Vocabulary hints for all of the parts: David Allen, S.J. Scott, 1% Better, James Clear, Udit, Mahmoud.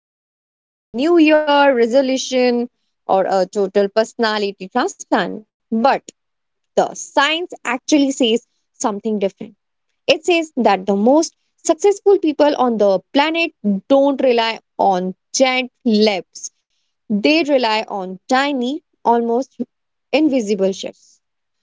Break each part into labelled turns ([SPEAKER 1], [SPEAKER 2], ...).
[SPEAKER 1] Vision, a new year resolution, or a total personality transplant. But the science actually says something different. It says that the most successful people on the planet don't rely on giant leaps, they rely on tiny, almost invisible shifts.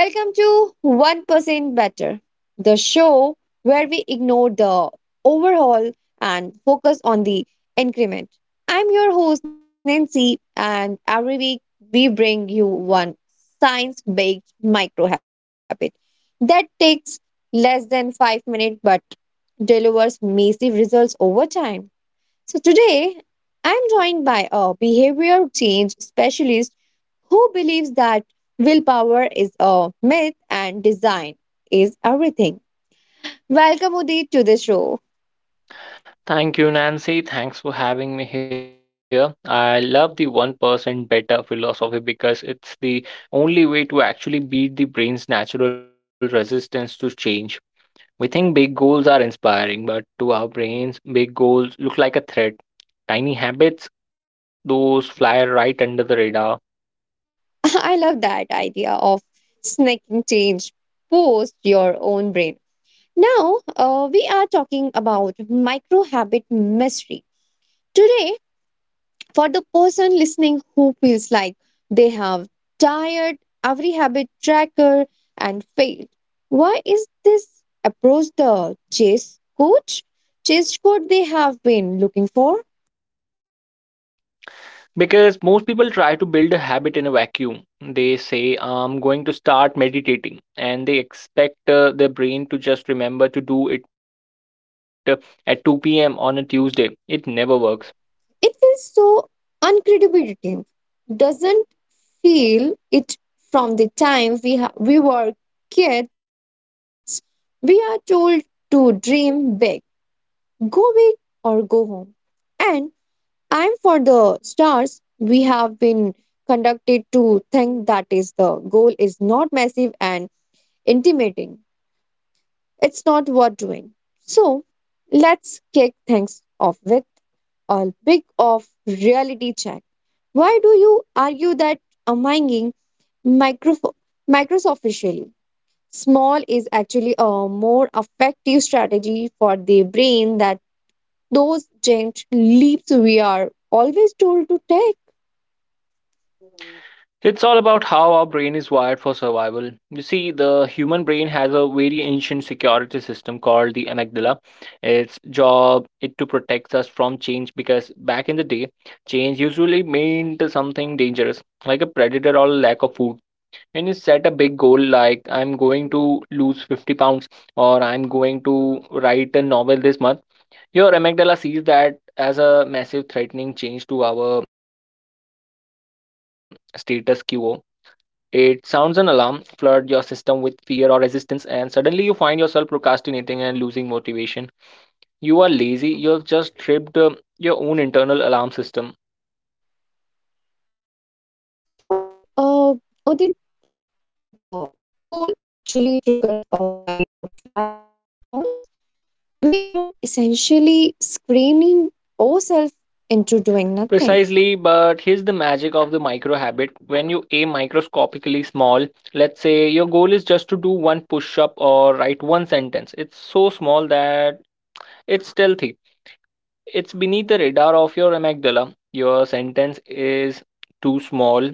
[SPEAKER 1] Welcome to 1% Better, the show where we ignore the overhaul and focus on the increment. I'm your host, Nancy, and every week we bring you one science based micro habit that takes less than 5 minutes but delivers massive results over time. So today, I'm joined by a behavior change specialist who believes that willpower is a myth and design is everything. Welcome, Udit, to the show.
[SPEAKER 2] Thank you, Nancy. Thanks for having me here. I love the 1% better philosophy because it's the only way to actually beat the brain's natural resistance to change. We think big goals are inspiring, but to our brains, big goals look like a threat. Tiny habits, those fly right under the radar.
[SPEAKER 1] I love that idea of snaking change post your own brain. Now, we are talking about micro habit mystery today. For the person listening who feels like they have tired every habit tracker and failed, why is this approach the chase coach they have been looking for?
[SPEAKER 2] Because most people try to build a habit in a vacuum. They say, I'm going to start meditating, and they expect their brain to just remember to do it at 2 p.m. on a Tuesday. It never works.
[SPEAKER 1] It feels so uncredibility. Doesn't feel it from the time we were kids. We are told to dream big, go big or go home. and And for the stars, we have been conducted to think that is the goal is not massive and intimidating. It's not worth doing. So let's kick things off with a big of reality check. Why do you argue that among micro microsoficially small is actually a more effective strategy for the brain that those giant leaps we are always told to take?
[SPEAKER 2] It's all about how our brain is wired for survival. You see, the human brain has a very ancient security system called the amygdala. Its job is to protect us from change because back in the day, change usually meant something dangerous, like a predator or lack of food. When you set a big goal like I'm going to lose 50 pounds or I'm going to write a novel this month, your amygdala sees that as a massive threatening change to our status quo. It sounds an alarm, flood your system with fear or resistance, and suddenly you find yourself procrastinating and losing motivation. You are lazy, you have just tripped your own internal alarm system.
[SPEAKER 1] So, Udit, the goal actually triggers a fight or flight response. We are essentially screening ourselves into doing nothing.
[SPEAKER 2] Precisely, but here's the magic of the micro habit. When you aim microscopically small, let's say your goal is just to do one push up or write one sentence, it's so small that it's stealthy. It's beneath the radar of your amygdala. Your sentence is too small.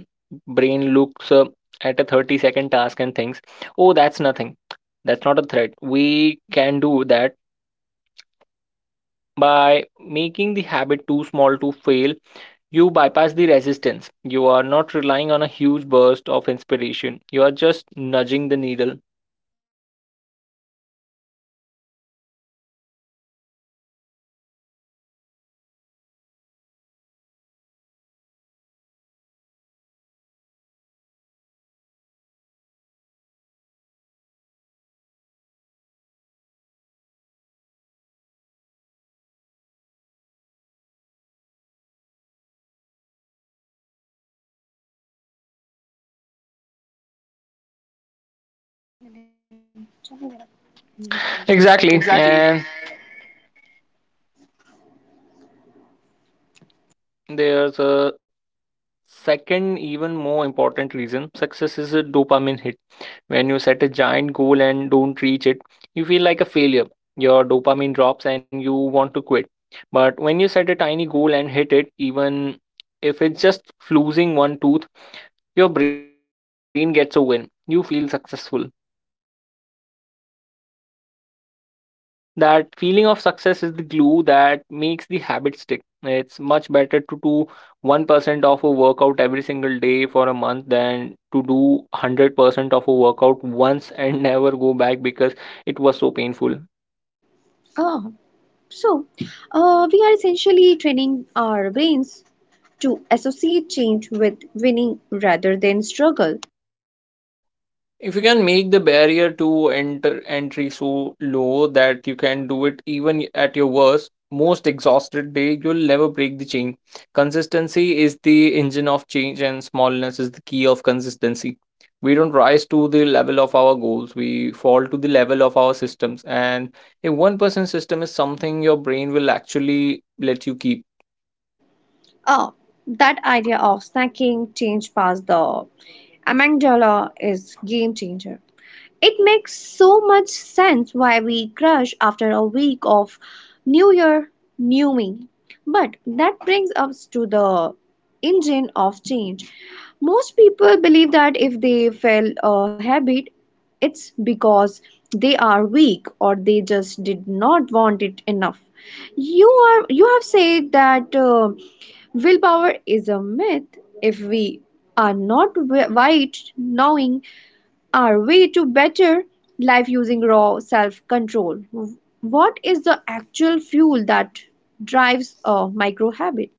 [SPEAKER 2] Brain looks at a 30-second task and thinks, "Oh, that's nothing. That's not a threat. We can do that." By making the habit too small to fail, you bypass the resistance. You are not relying on a huge burst of inspiration. You are just nudging the needle.
[SPEAKER 1] Oh, okay. It's like a Trojan horse for personal growth. You are snagging the
[SPEAKER 2] Exactly.
[SPEAKER 1] exactly.
[SPEAKER 2] And there's a second, even more important reason success is a dopamine hit. When you set a giant goal and don't reach it, you feel like a failure. Your dopamine drops and you want to quit. But when you set a tiny goal and hit it, even if it's just losing one tooth, your brain gets a win. You feel successful. That feeling of success is the glue that makes the habit stick. It's much better to do 1% of a workout every single day for a month than to do 100% of a workout once and never go back because it was so painful.
[SPEAKER 1] Ah, so, we are essentially training our brains to associate change with winning rather than struggle.
[SPEAKER 2] If you can make the barrier to enter entry so low that you can do it even at your worst, most exhausted day, you'll never break the chain. Consistency is the engine of change, and smallness is the key of consistency. We don't rise to the level of our goals, we fall to the level of our systems. And a 1% system is something your brain will actually let you keep.
[SPEAKER 1] Ah, that idea of snacking change past the amygdala is game changer. It makes so much sense why we crush after a week of New Year, New Me. But that brings us to the engine of change. Most people believe that if they fail a habit, it's because they are weak or they just did not want it enough. You have said that willpower is a myth if we are not right knowing our way to better life using raw self control. What is the actual fuel that drives a micro habit?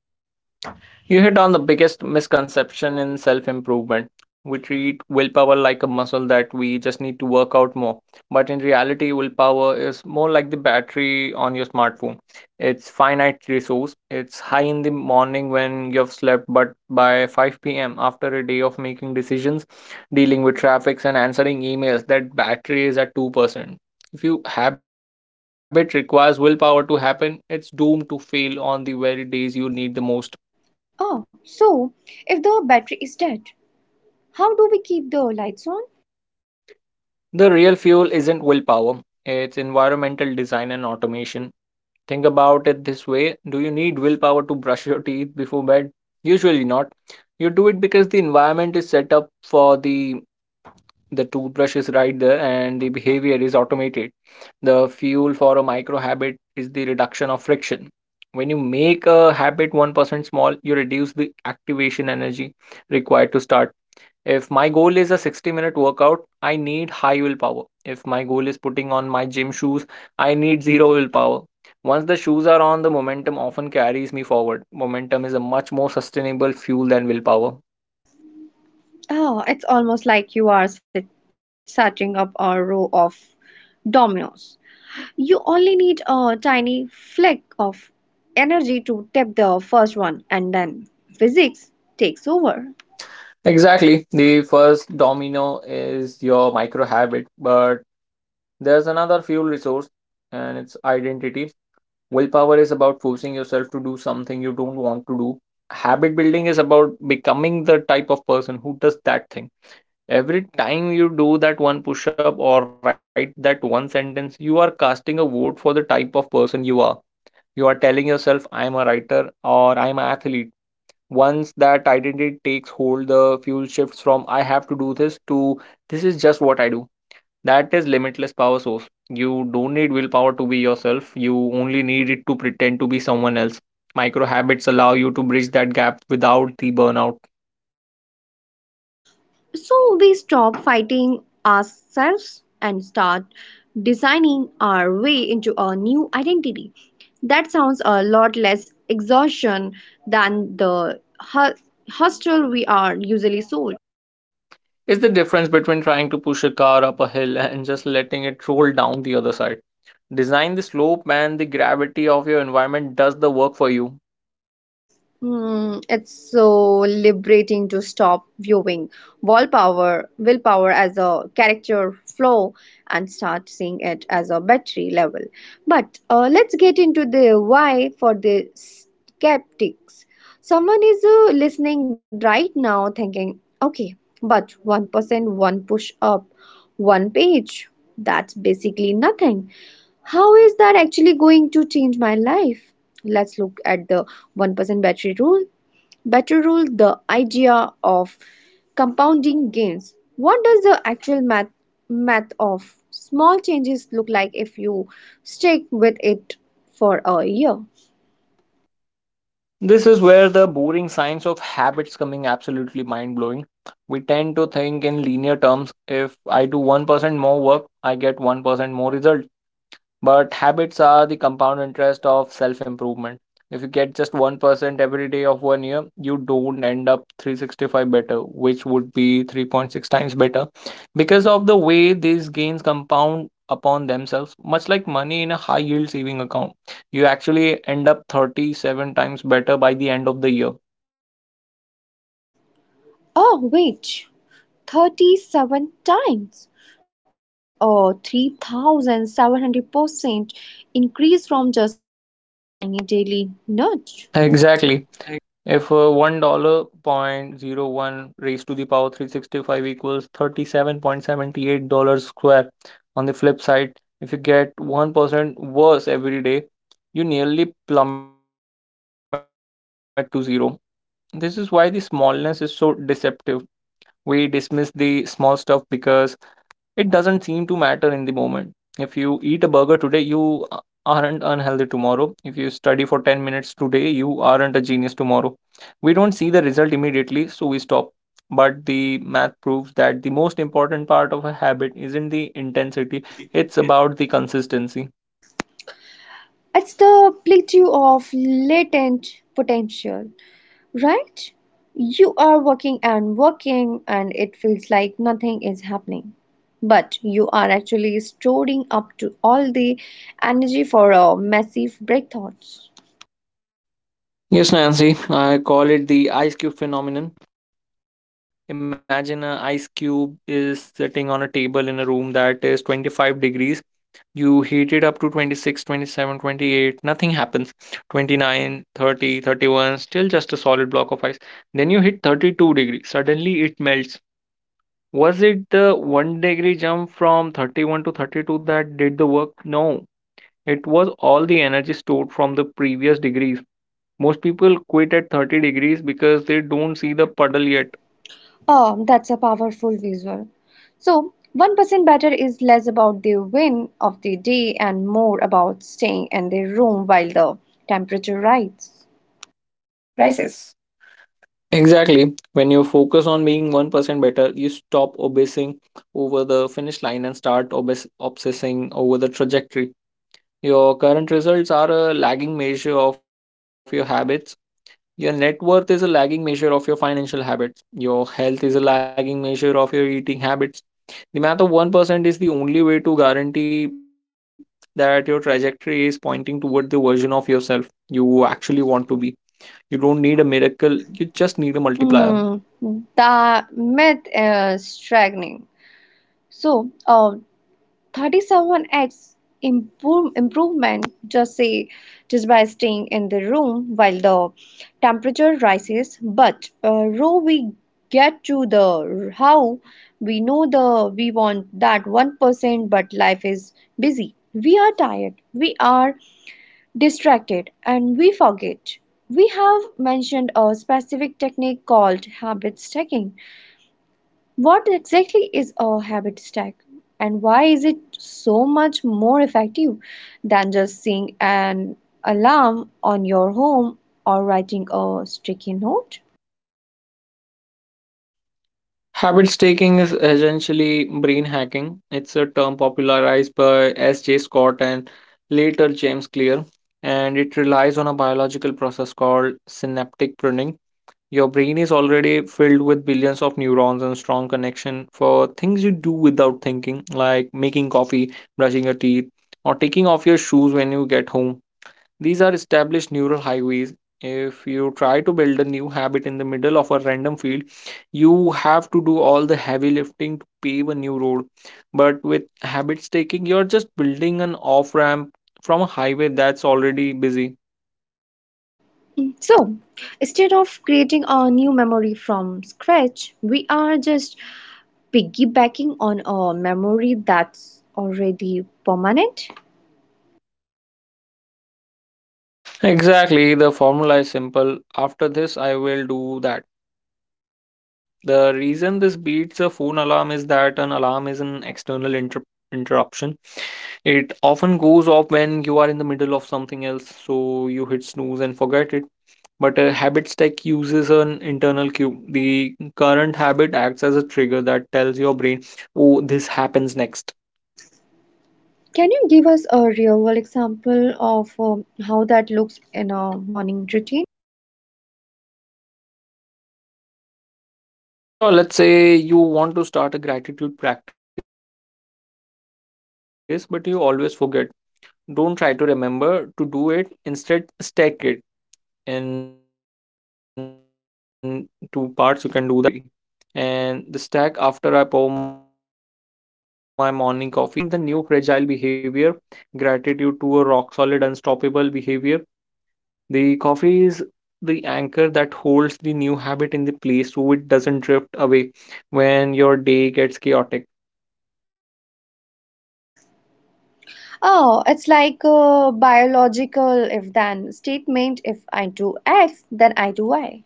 [SPEAKER 2] You hit on the biggest misconception in self improvement. We treat willpower like a muscle that we just need to work out more. But in reality, willpower is more like the battery on your smartphone. It's finite resource. It's high in the morning when you've slept, but by 5 p.m. after a day of making decisions, dealing with traffics and answering emails, that battery is at 2%. If your habit requires willpower to happen, it's doomed to fail on the very days you need the most.
[SPEAKER 1] Oh, so if the battery is dead, how do we keep the lights on?
[SPEAKER 2] The real fuel isn't willpower, it's environmental design and automation. Think about it this way. Do you need willpower to brush your teeth before bed? Usually not. You do it because the environment is set up for the toothbrush is right there and the behavior is automated. The fuel for a micro habit is the reduction of friction. When you make a habit 1% small, you reduce the activation energy required to start. If my goal is a 60-minute workout, I need high willpower. If my goal is putting on my gym shoes, I need zero willpower. Once the shoes are on, the momentum often carries me forward. Momentum is a much more sustainable fuel than willpower.
[SPEAKER 1] Oh, it's almost like you are setting up a row of dominoes. You only need a tiny fleck of energy to tip the first one, and then physics takes over.
[SPEAKER 2] Exactly. The first domino is your micro habit, but there's another fuel resource and it's identity. Willpower is about forcing yourself to do something you don't want to do. Habit building is about becoming the type of person who does that thing. Every time you do that one push up or write that one sentence, you are casting a vote for the type of person you are. You are telling yourself, I am a writer or I am an athlete. Once that identity takes hold, the fuel shifts from I have to do this to this is just what I do. That is limitless power source. You don't need willpower to be yourself. You only need it to pretend to be someone else. Micro habits allow you to bridge that gap without the burnout.
[SPEAKER 1] So we stop fighting ourselves and start designing our way into a new identity. That sounds a lot less exhaustion than the hu- hustle we are usually sold.
[SPEAKER 2] It's the difference between trying to push a car up a hill and just letting it roll down the other side. Design the slope and the gravity of your environment does the work for you.
[SPEAKER 1] Hmm, it's so liberating to stop viewing willpower as a character flaw and start seeing it as a battery level. But let's get into the why for the skeptics. Someone is listening right now thinking, okay, but 1%, one push up, one page, that's basically nothing. How is that actually going to change my life? Let's look at the 1% battery rule, the idea of compounding gains. What does the actual math of small changes look like if you stick with it for a year?
[SPEAKER 2] This is where the boring science of habits coming absolutely mind blowing. We tend to think in linear terms. If I do 1% more work, I get 1% more result. But habits are the compound interest of self improvement. If you get just 1% every day of one year, you don't end up 365 better, which would be 3.6 times better because of the way these gains compound upon themselves, much like money in a high yield saving account. You actually end up 37 times better by the end of the year.
[SPEAKER 1] Oh, wait, 37 times. That's a 3700% increase from just a tiny daily nudge.
[SPEAKER 2] Exactly. If $1.01 raised to the power 365 equals $37.78 square, on the flip side, if you get 1% worse every day, you nearly plummet to zero. This is why the smallness is so deceptive. We dismiss the small stuff because it doesn't seem to matter in the moment. If you eat a burger today, you aren't unhealthy tomorrow. If you study for 10 minutes today, you aren't a genius tomorrow. We don't see the result immediately, so we stop. But the math proves that the most important part of a habit isn't the intensity, it's about the consistency.
[SPEAKER 1] It's the plateau of latent potential, right? You are working and working, and it feels like nothing is happening. But you are actually storing up to all the energy for a massive breakthroughs.
[SPEAKER 2] Yes, Nancy, I call it the ice cube phenomenon. Imagine an ice cube is sitting on a table in a room that is 25 degrees. You heat it up to 26, 27, 28, nothing happens. 29, 30, 31, still just a solid block of ice. Then you hit 32 degree. Suddenly it melts. Was it the 1 degree jump from 31 to 32 that did the work? No. It was all the energy stored from the previous degrees. Most people quit at 30 degrees because they don't see the puddle yet.
[SPEAKER 1] Oh, that's a powerful visual. So, 1% better is less about the win of the day and more about staying in the room while the temperature rises.
[SPEAKER 2] Exactly. When you focus on being 1% better, you stop obsessing over the finish line and start obsessing over the trajectory. Your current results are a lagging measure of your habits. Your net worth is a lagging measure of your financial habits. Your health is a lagging measure of your eating habits. The math of 1% is the only way to guarantee that your trajectory is pointing toward the version of yourself you actually want to be. You don't need a miracle, you just need a multiplier.
[SPEAKER 1] Mm, the myth is staggering. So, 37x improvement just say just by staying in the room while the temperature rises. But raw we get to the how we know the we want that 1%, but life is busy. We are tired. We are distracted and we forget. We have mentioned a specific technique called habit stacking. What exactly is a habit stack and why is it so much more effective than just seeing an alarm on your home or writing a sticky note?
[SPEAKER 2] Habit staking is essentially brain hacking. It's a term popularized by S.J. Scott and later James Clear, and it relies on a biological process called synaptic pruning. Your brain is already filled with billions of neurons and strong connection for things you do without thinking, like making coffee, brushing your teeth, or taking off your shoes when you get home. These are established neural highways. If you try to build a new habit in the middle of a random field, you have to do all the heavy lifting to pave a new road. But with habit staking, you're just building an off ramp from a highway that's already busy.
[SPEAKER 1] So, instead of creating a new memory from scratch, we are just piggybacking on a memory that's already permanent.
[SPEAKER 2] Exactly, the formula is simple. After this, I will do that. The reason this beats a phone alarm is that an alarm is an external interruption. It often goes off when you are in the middle of something else, so you hit snooze and forget it. But a habit stack uses an internal cue. The current habit acts as a trigger that tells your brain, oh, this happens next.
[SPEAKER 1] Can you give us a real world example of how that looks in a morning routine?
[SPEAKER 2] Sure, let's say you want to start a gratitude practice, but you always forget. Don't try to remember to do it, instead, stack it. In two parts, you can do that. First is the anchor, pouring your first cup of coffee. And the stack, after I pour my morning coffee, I will say one thing I am grateful for. You have linked the new fragile behavior, gratitude to a rock solid, unstoppable behavior. The coffee is the anchor that holds the new habit in the place so it doesn't drift away when your day gets chaotic.
[SPEAKER 1] Oh, it's like a biological if then statement. If I do X, then I do Y.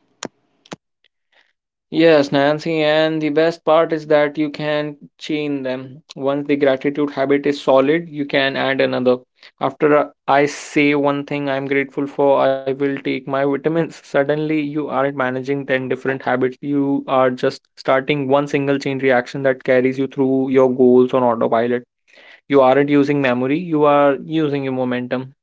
[SPEAKER 2] Yes, Nancy, and the best part is that you can chain them. Once the gratitude habit is solid, you can add another. After I say one thing I'm grateful for, I will take my vitamins. Suddenly, you aren't managing 10 different habits. You are just starting one single chain reaction that carries you through your goals on autopilot. You aren't using memory, you are using your momentum.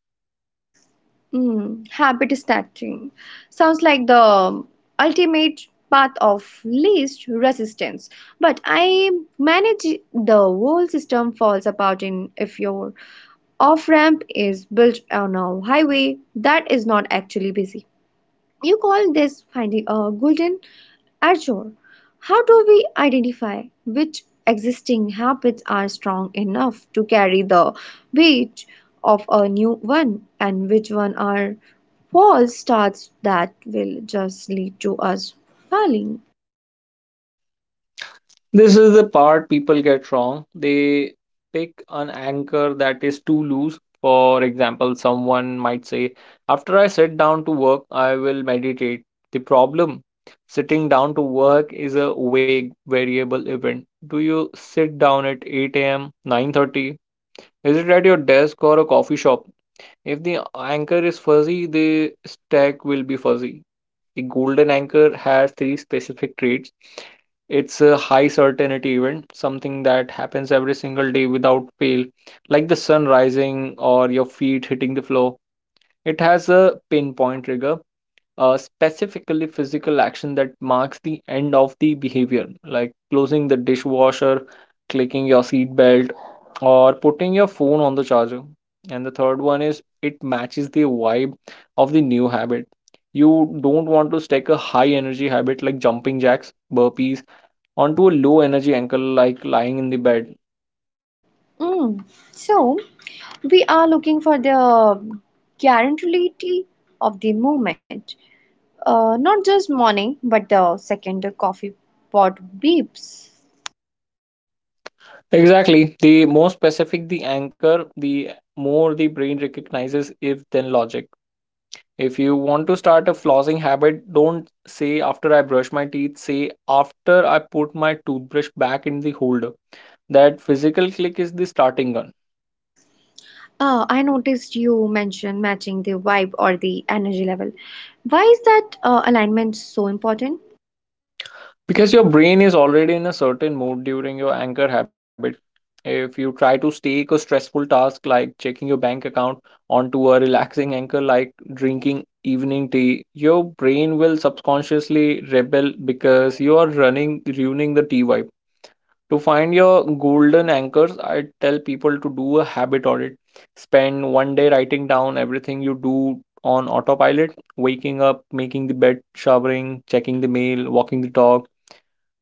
[SPEAKER 1] Mm, habit stacking. Sounds like the ultimate path of least resistance. But I manage the whole system falls apart in if your off ramp is built on a highway that is not actually busy. You call this finding a golden azure. How do we identify which existing habits are strong enough to carry the weight of a new one and which one are false starts that will just lead to us falling?
[SPEAKER 2] This is the part people get wrong. They pick an anchor that is too loose. For example, someone might say, "After I sit down to work, I will meditate." The problem: sitting down to work is a vague, variable event. Do you sit down at 8 a.m., 9:30? Is it at your desk or a coffee shop? If the anchor is fuzzy, the stack will be fuzzy. The golden anchor has three specific traits. It's a high certainty event, something that happens every single day without fail, like the sun rising or your feet hitting the floor. It has a pinpoint trigger, specifically physical action that marks the end of the behavior, like closing the dishwasher, clicking your seat belt, or putting your phone on the charger. And the third one is it matches the vibe of the new habit. You don't want to stack a high energy habit like jumping jacks, burpees, onto a low energy anchor like lying in the bed.
[SPEAKER 1] Mm. So, we are looking for the guaranteed of the moment, not just morning but the second the coffee pot beeps.
[SPEAKER 2] Exactly. The more specific the anchor, the more the brain recognizes if then logic. If you want to start a flossing habit, don't say after I brush my teeth, say after I put my toothbrush back in the holder. That physical click is the starting gun.
[SPEAKER 1] Oh, I noticed you mentioned matching the vibe or the energy level. Why is that alignment so important?
[SPEAKER 2] Because your brain is already in a certain mode during your anchor habit. If you try to stake a stressful task like checking your bank account onto a relaxing anchor like drinking evening tea, your brain will subconsciously rebel because you are running ruining the tea vibe. To find your golden anchors, I tell people to do a habit audit. Spend one day writing down everything you do on autopilot, waking up, making the bed, showering, checking the mail, walking the dog.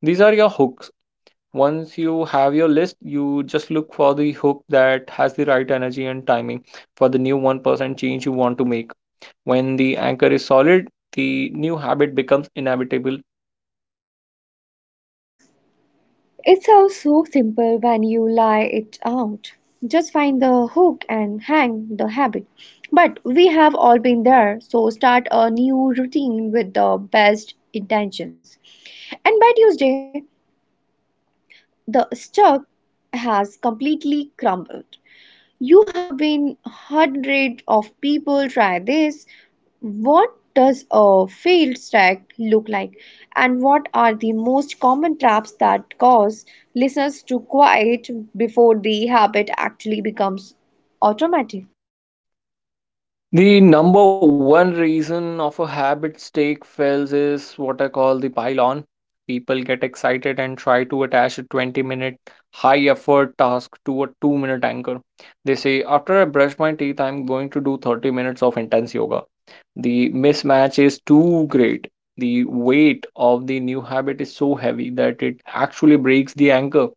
[SPEAKER 2] These are your hooks. Once you have your list, you just look for the hook that has the right energy and timing for the new 1% change you want to make. When the anchor is solid, the new habit becomes inevitable.
[SPEAKER 1] It sounds so simple when you lie it out. Just find the hook and hang the habit. But we have all been there, so start a new routine with the best intentions. And by Tuesday, the stock has completely crumbled. You have been hundreds of people try this. What does a failed stack look like? And what are the most common traps that cause listeners to quit before the habit actually becomes automatic?
[SPEAKER 2] The number one reason of a habit stake fails is what I call the pile on. People get excited and try to attach a 20-minute high effort task to a 2-minute anchor. They say, "After I brush my teeth, I'm going to do 30 minutes of intense yoga." The mismatch is too great. The weight of the new habit is so heavy that it actually breaks the anchor.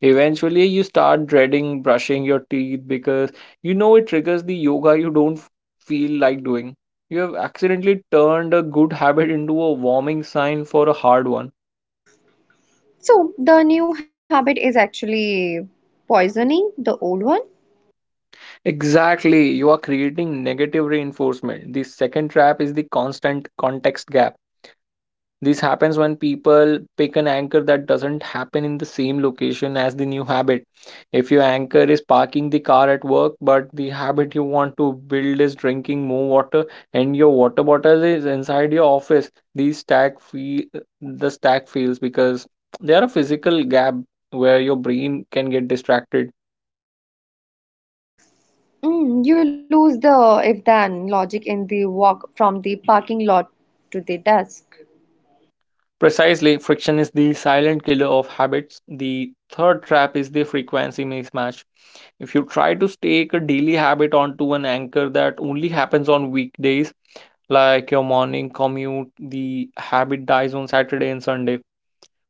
[SPEAKER 2] Eventually, you start dreading brushing your teeth because you know it triggers the yoga you don't feel like doing. You have accidentally turned a good habit into a warming sign for a hard one.
[SPEAKER 1] So, the new habit is actually poisoning the old one.
[SPEAKER 2] Exactly, you are creating negative reinforcement. The second trap is the constant context gap. This happens when people pick an anchor that doesn't happen in the same location as the new habit. If your anchor is parking the car at work, but the habit you want to build is drinking more water and your water bottle is inside your office, the stack fee- the stack fails because there are a physical gap where your brain can get distracted.
[SPEAKER 1] Mm, you lose the if then logic in the walk from the parking lot to the desk.
[SPEAKER 2] Precisely, friction is the silent killer of habits. The third trap is the frequency mismatch. If you try to stake a daily habit onto an anchor that only happens on weekdays, like your morning commute, the habit dies on Saturday and Sunday.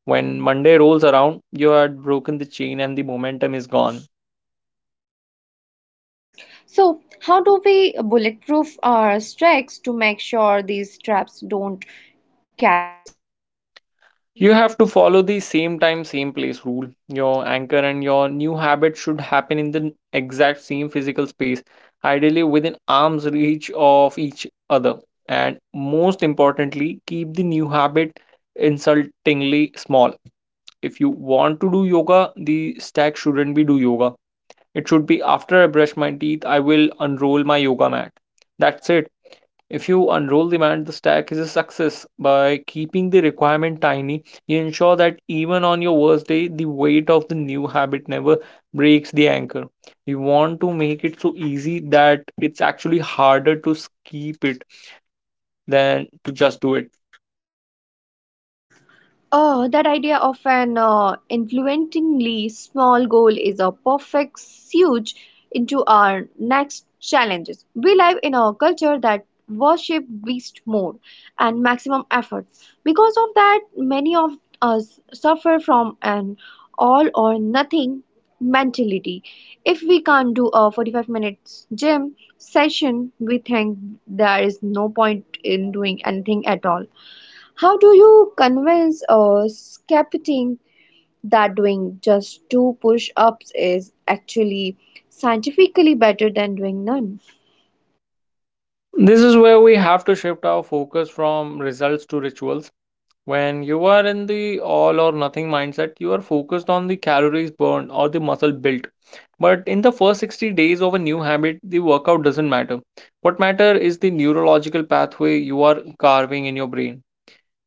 [SPEAKER 2] When Monday rolls around, you had broken the chain and the momentum is gone.
[SPEAKER 1] So, how do we bulletproof our strikes to make sure these traps don't catch us?
[SPEAKER 2] You have to follow the same time, same place rule. Your anchor and your new habit should happen in the exact same physical space, ideally within arm's reach of each other. And most importantly, keep the new habit insultingly small. If you want to do yoga, the stack shouldn't be do yoga. It should be after I brush my teeth, I will unroll my yoga mat. That's it. If you unroll the man, the stack is a success. By keeping the requirement tiny, you ensure that even on your worst day, the weight of the new habit never breaks the anchor. You want to make it so easy that it's actually harder to skip it than to just do it.
[SPEAKER 1] Oh, that idea of an influentially small goal is a perfect suit into our next challenges. We live in a culture that worship beast mode and maximum effort. Because of that, many of us suffer from an all or nothing mentality. If we can't do a 45 minutes gym session, we think there is no point in doing anything at all. How do you convince a skeptic that doing just two push ups is actually scientifically better than doing none?
[SPEAKER 2] This is where we have to shift our focus from results to rituals. When you are in the all or nothing mindset, you are focused on the calories burned or the muscle built. But in the first 60 days of a new habit, the workout doesn't matter. What matter is the neurological pathway you are carving in your brain.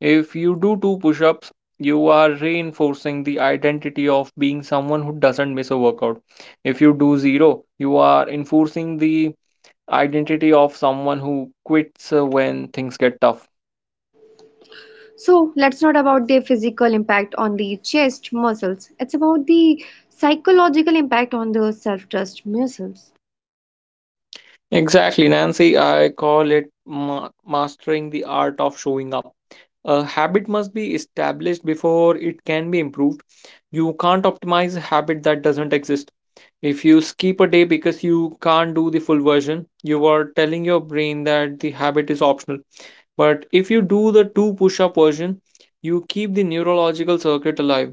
[SPEAKER 2] If you do two push-ups, you are reinforcing the identity of being someone who doesn't miss a workout. If you do zero, you are enforcing the identity of someone who quits when things get tough.
[SPEAKER 1] So, let's not about the physical impact on the chest muscles, it's about the psychological impact on the self trust muscles.
[SPEAKER 2] Exactly, Nancy. I call it mastering the art of showing up. A habit must be established before it can be improved. You can't optimize a habit that doesn't exist. If you skip a day because you can't do the full version, you are telling your brain that the habit is optional. But if you do the two push up version, you keep the neurological circuit alive.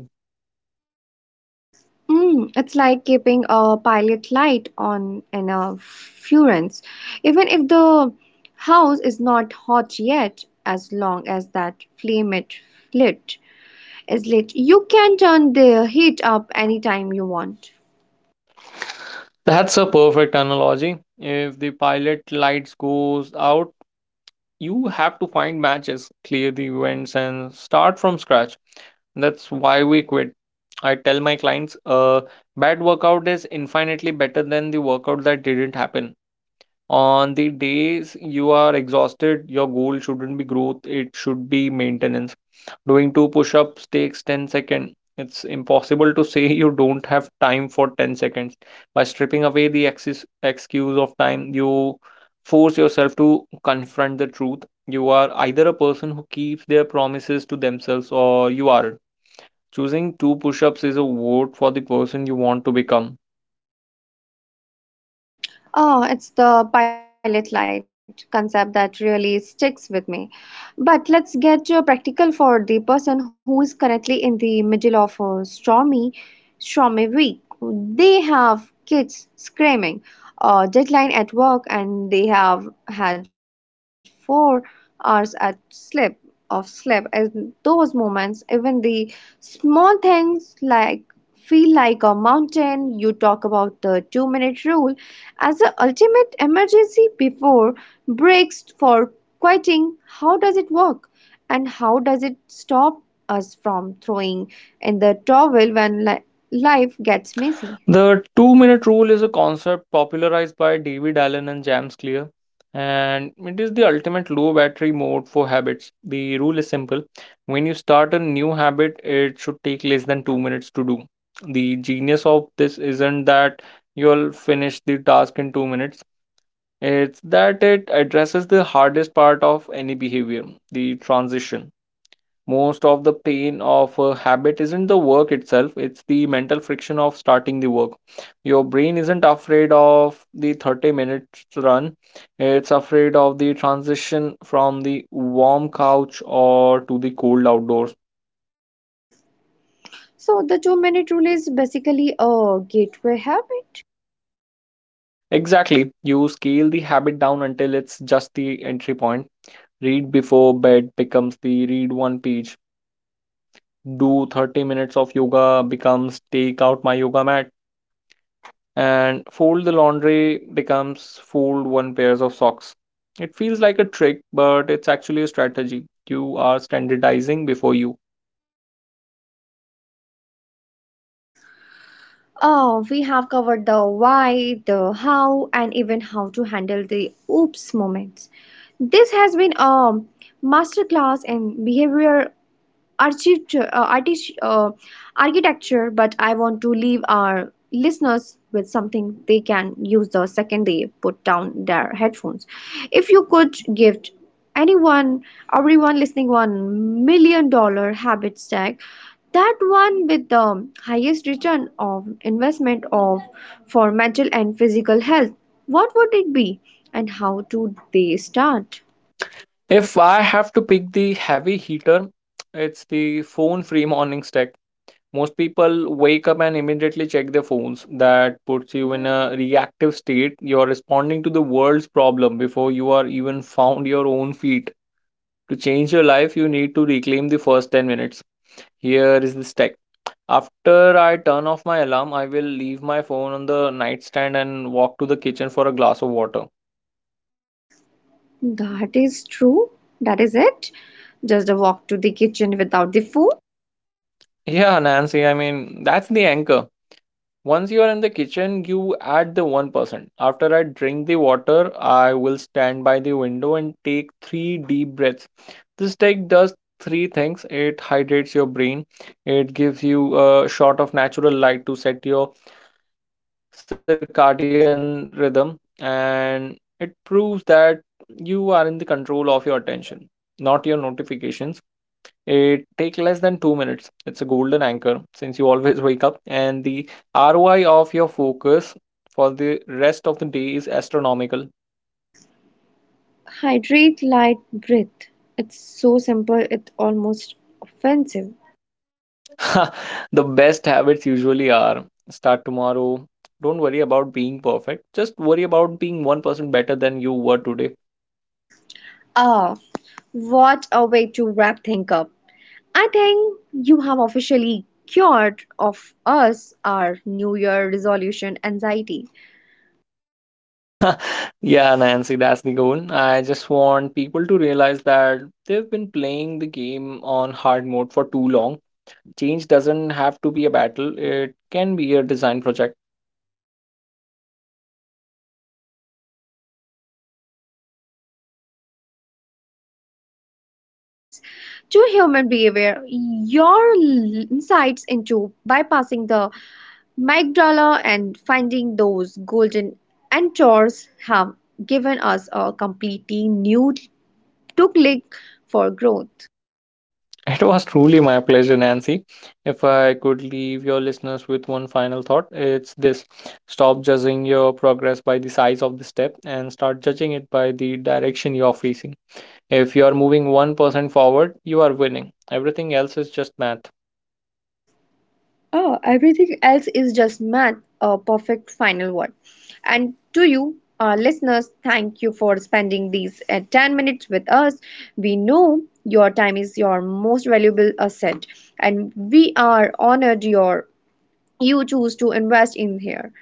[SPEAKER 1] Mm, it's like keeping a pilot light on in a furnace. Even if the house is not hot yet, as long as that flame it lit, is lit. You can turn the heat up anytime you want.
[SPEAKER 2] That's a perfect analogy. If the pilot lights goes out, you have to find matches, clear the events, and start from scratch. That's why we quit. I tell my clients a bad workout is infinitely better than the workout that didn't happen. On the days you are exhausted, your goal shouldn't be growth, it should be maintenance. Doing two push ups takes 10 seconds. It's impossible to say you don't have time for 10 seconds. By stripping away the excess excuse of time, you force yourself to confront the truth. You are either a person who keeps their promises to themselves or you aren't. Choosing two push ups is a vote for the person you want to become.
[SPEAKER 1] Oh, it's the pilot light concept that really sticks with me. But let's get practical for the person who is currently in the middle of a stormy week. They have kids screaming, a deadline at work, and they have had four hours at sleep of sleep. In those moments, even the small things like feel like a mountain. You talk about the two-minute rule as the ultimate emergency before breaks for quitting, how does it work? And how does it stop us from throwing in the towel when life gets messy?
[SPEAKER 2] The two-minute rule is a concept popularized by David Allen and James Clear, and it is the ultimate low battery mode for habits. The rule is simple. When you start a new habit, it should take less than 2 minutes to do. The genius of this isn't that you'll finish the task in 2 minutes, it's that it addresses the hardest part of any behavior: the transition. Most of the pain of a habit isn't the work itself, it's the mental friction of starting the work. Your brain isn't afraid of the 30 minutes run, it's afraid of the transition from the warm couch or to the cold outdoors.
[SPEAKER 1] So, the 2 minute rule is basically a gateway habit.
[SPEAKER 2] Exactly, you scale the habit down until it's just the entry point. Read before bed becomes the read one page. Do 30 minutes of yoga becomes take out my yoga mat. And fold the laundry becomes fold one pairs of socks. It feels like a trick, but it's actually a strategy. You are standardizing before you.
[SPEAKER 1] Oh, we have covered the why, the how, and even how to handle the oops moments. This has been a masterclass in behavior architecture, uh, artist, uh, architecture, but I want to leave our listeners with something they can use the second they put their headphones. If you could gift anyone, everyone listening, $1 million habit stack, that one with the highest return of investment of for mental and physical health, what would it be, and how do they start?
[SPEAKER 2] If I have to pick the heavy heater, it's the phone free morning stack. Most people wake up and immediately check their phones. That puts you in a reactive state. You are responding to the world's problem before you are even found your own feet. To change your life, you need to reclaim the first 10 minutes. Here is the stack. After I turn off my alarm, I will leave my phone on the nightstand and walk to the kitchen for a glass of water.
[SPEAKER 1] That is true. That is it. Just a walk to the kitchen without the food.
[SPEAKER 2] Yeah, Nancy, I mean, that's the anchor. Once you are in the kitchen, you add the 1%. After I drink the water, I will stand by the window and take 3 deep breaths. This take does three things: it hydrates your brain, it gives you a shot of natural light to set your circadian rhythm, and it proves that you are in the control of your attention, not your notifications. It take less than 2 minutes. It's a golden anchor since you always wake up, and the ROI of your focus for the rest of the day is astronomical.
[SPEAKER 1] Hydrate, light, breathe. It's so simple, it's almost offensive.
[SPEAKER 2] The best habits usually are start tomorrow. Don't worry about being perfect. Just worry about being 1% better than you were today.
[SPEAKER 1] Ah, what a way to wrap things up. I think you have officially cured of us our New Year resolution anxiety.
[SPEAKER 2] Yeah, Nancy, that's the goal. I just want people to realize that they've been playing the game on hard mode for too long. Change doesn't have to be a battle, it can be a design project.
[SPEAKER 1] Mm, I love that. A massive thank you to you for joining us today and for sharing these cheat codes to human behavior. Your insights into bypassing the amygdala and finding those golden anchors have given us a completely new tool click for growth.
[SPEAKER 2] It was truly my pleasure, Nancy. If I could leave your listeners with one final thought, it's this: stop judging your progress by the size of the step and start judging it by the direction you are facing. If you are moving 1% forward, you are winning. Everything else is just math.
[SPEAKER 1] Oh, everything else is just math, a perfect final word. And to you, our listeners, thank you for spending these 10 minutes us. We know your time is your most valuable asset, and we are honored your you choose to invest in here.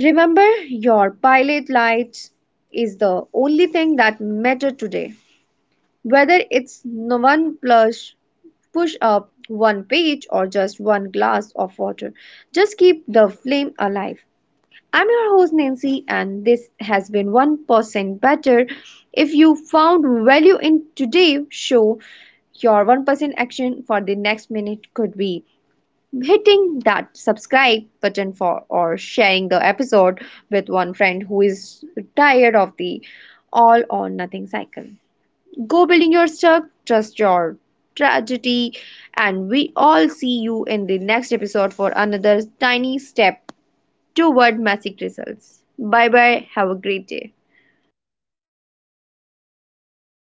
[SPEAKER 1] Remember, your pilot light is the only thing that matter today. Whether it's one plush push up, one page, or just one glass of water, just keep the flame alive. I'm your host Nancy, and this has been 1% Better. If you found value in today's show, your 1% action for the next minute could be hitting that subscribe button for or sharing the episode with one friend who is tired of the all or nothing cycle. Go building your stuff, trust your tragedy, and we all see you in the next episode for another tiny step toward magic results. Bye bye, have a great day.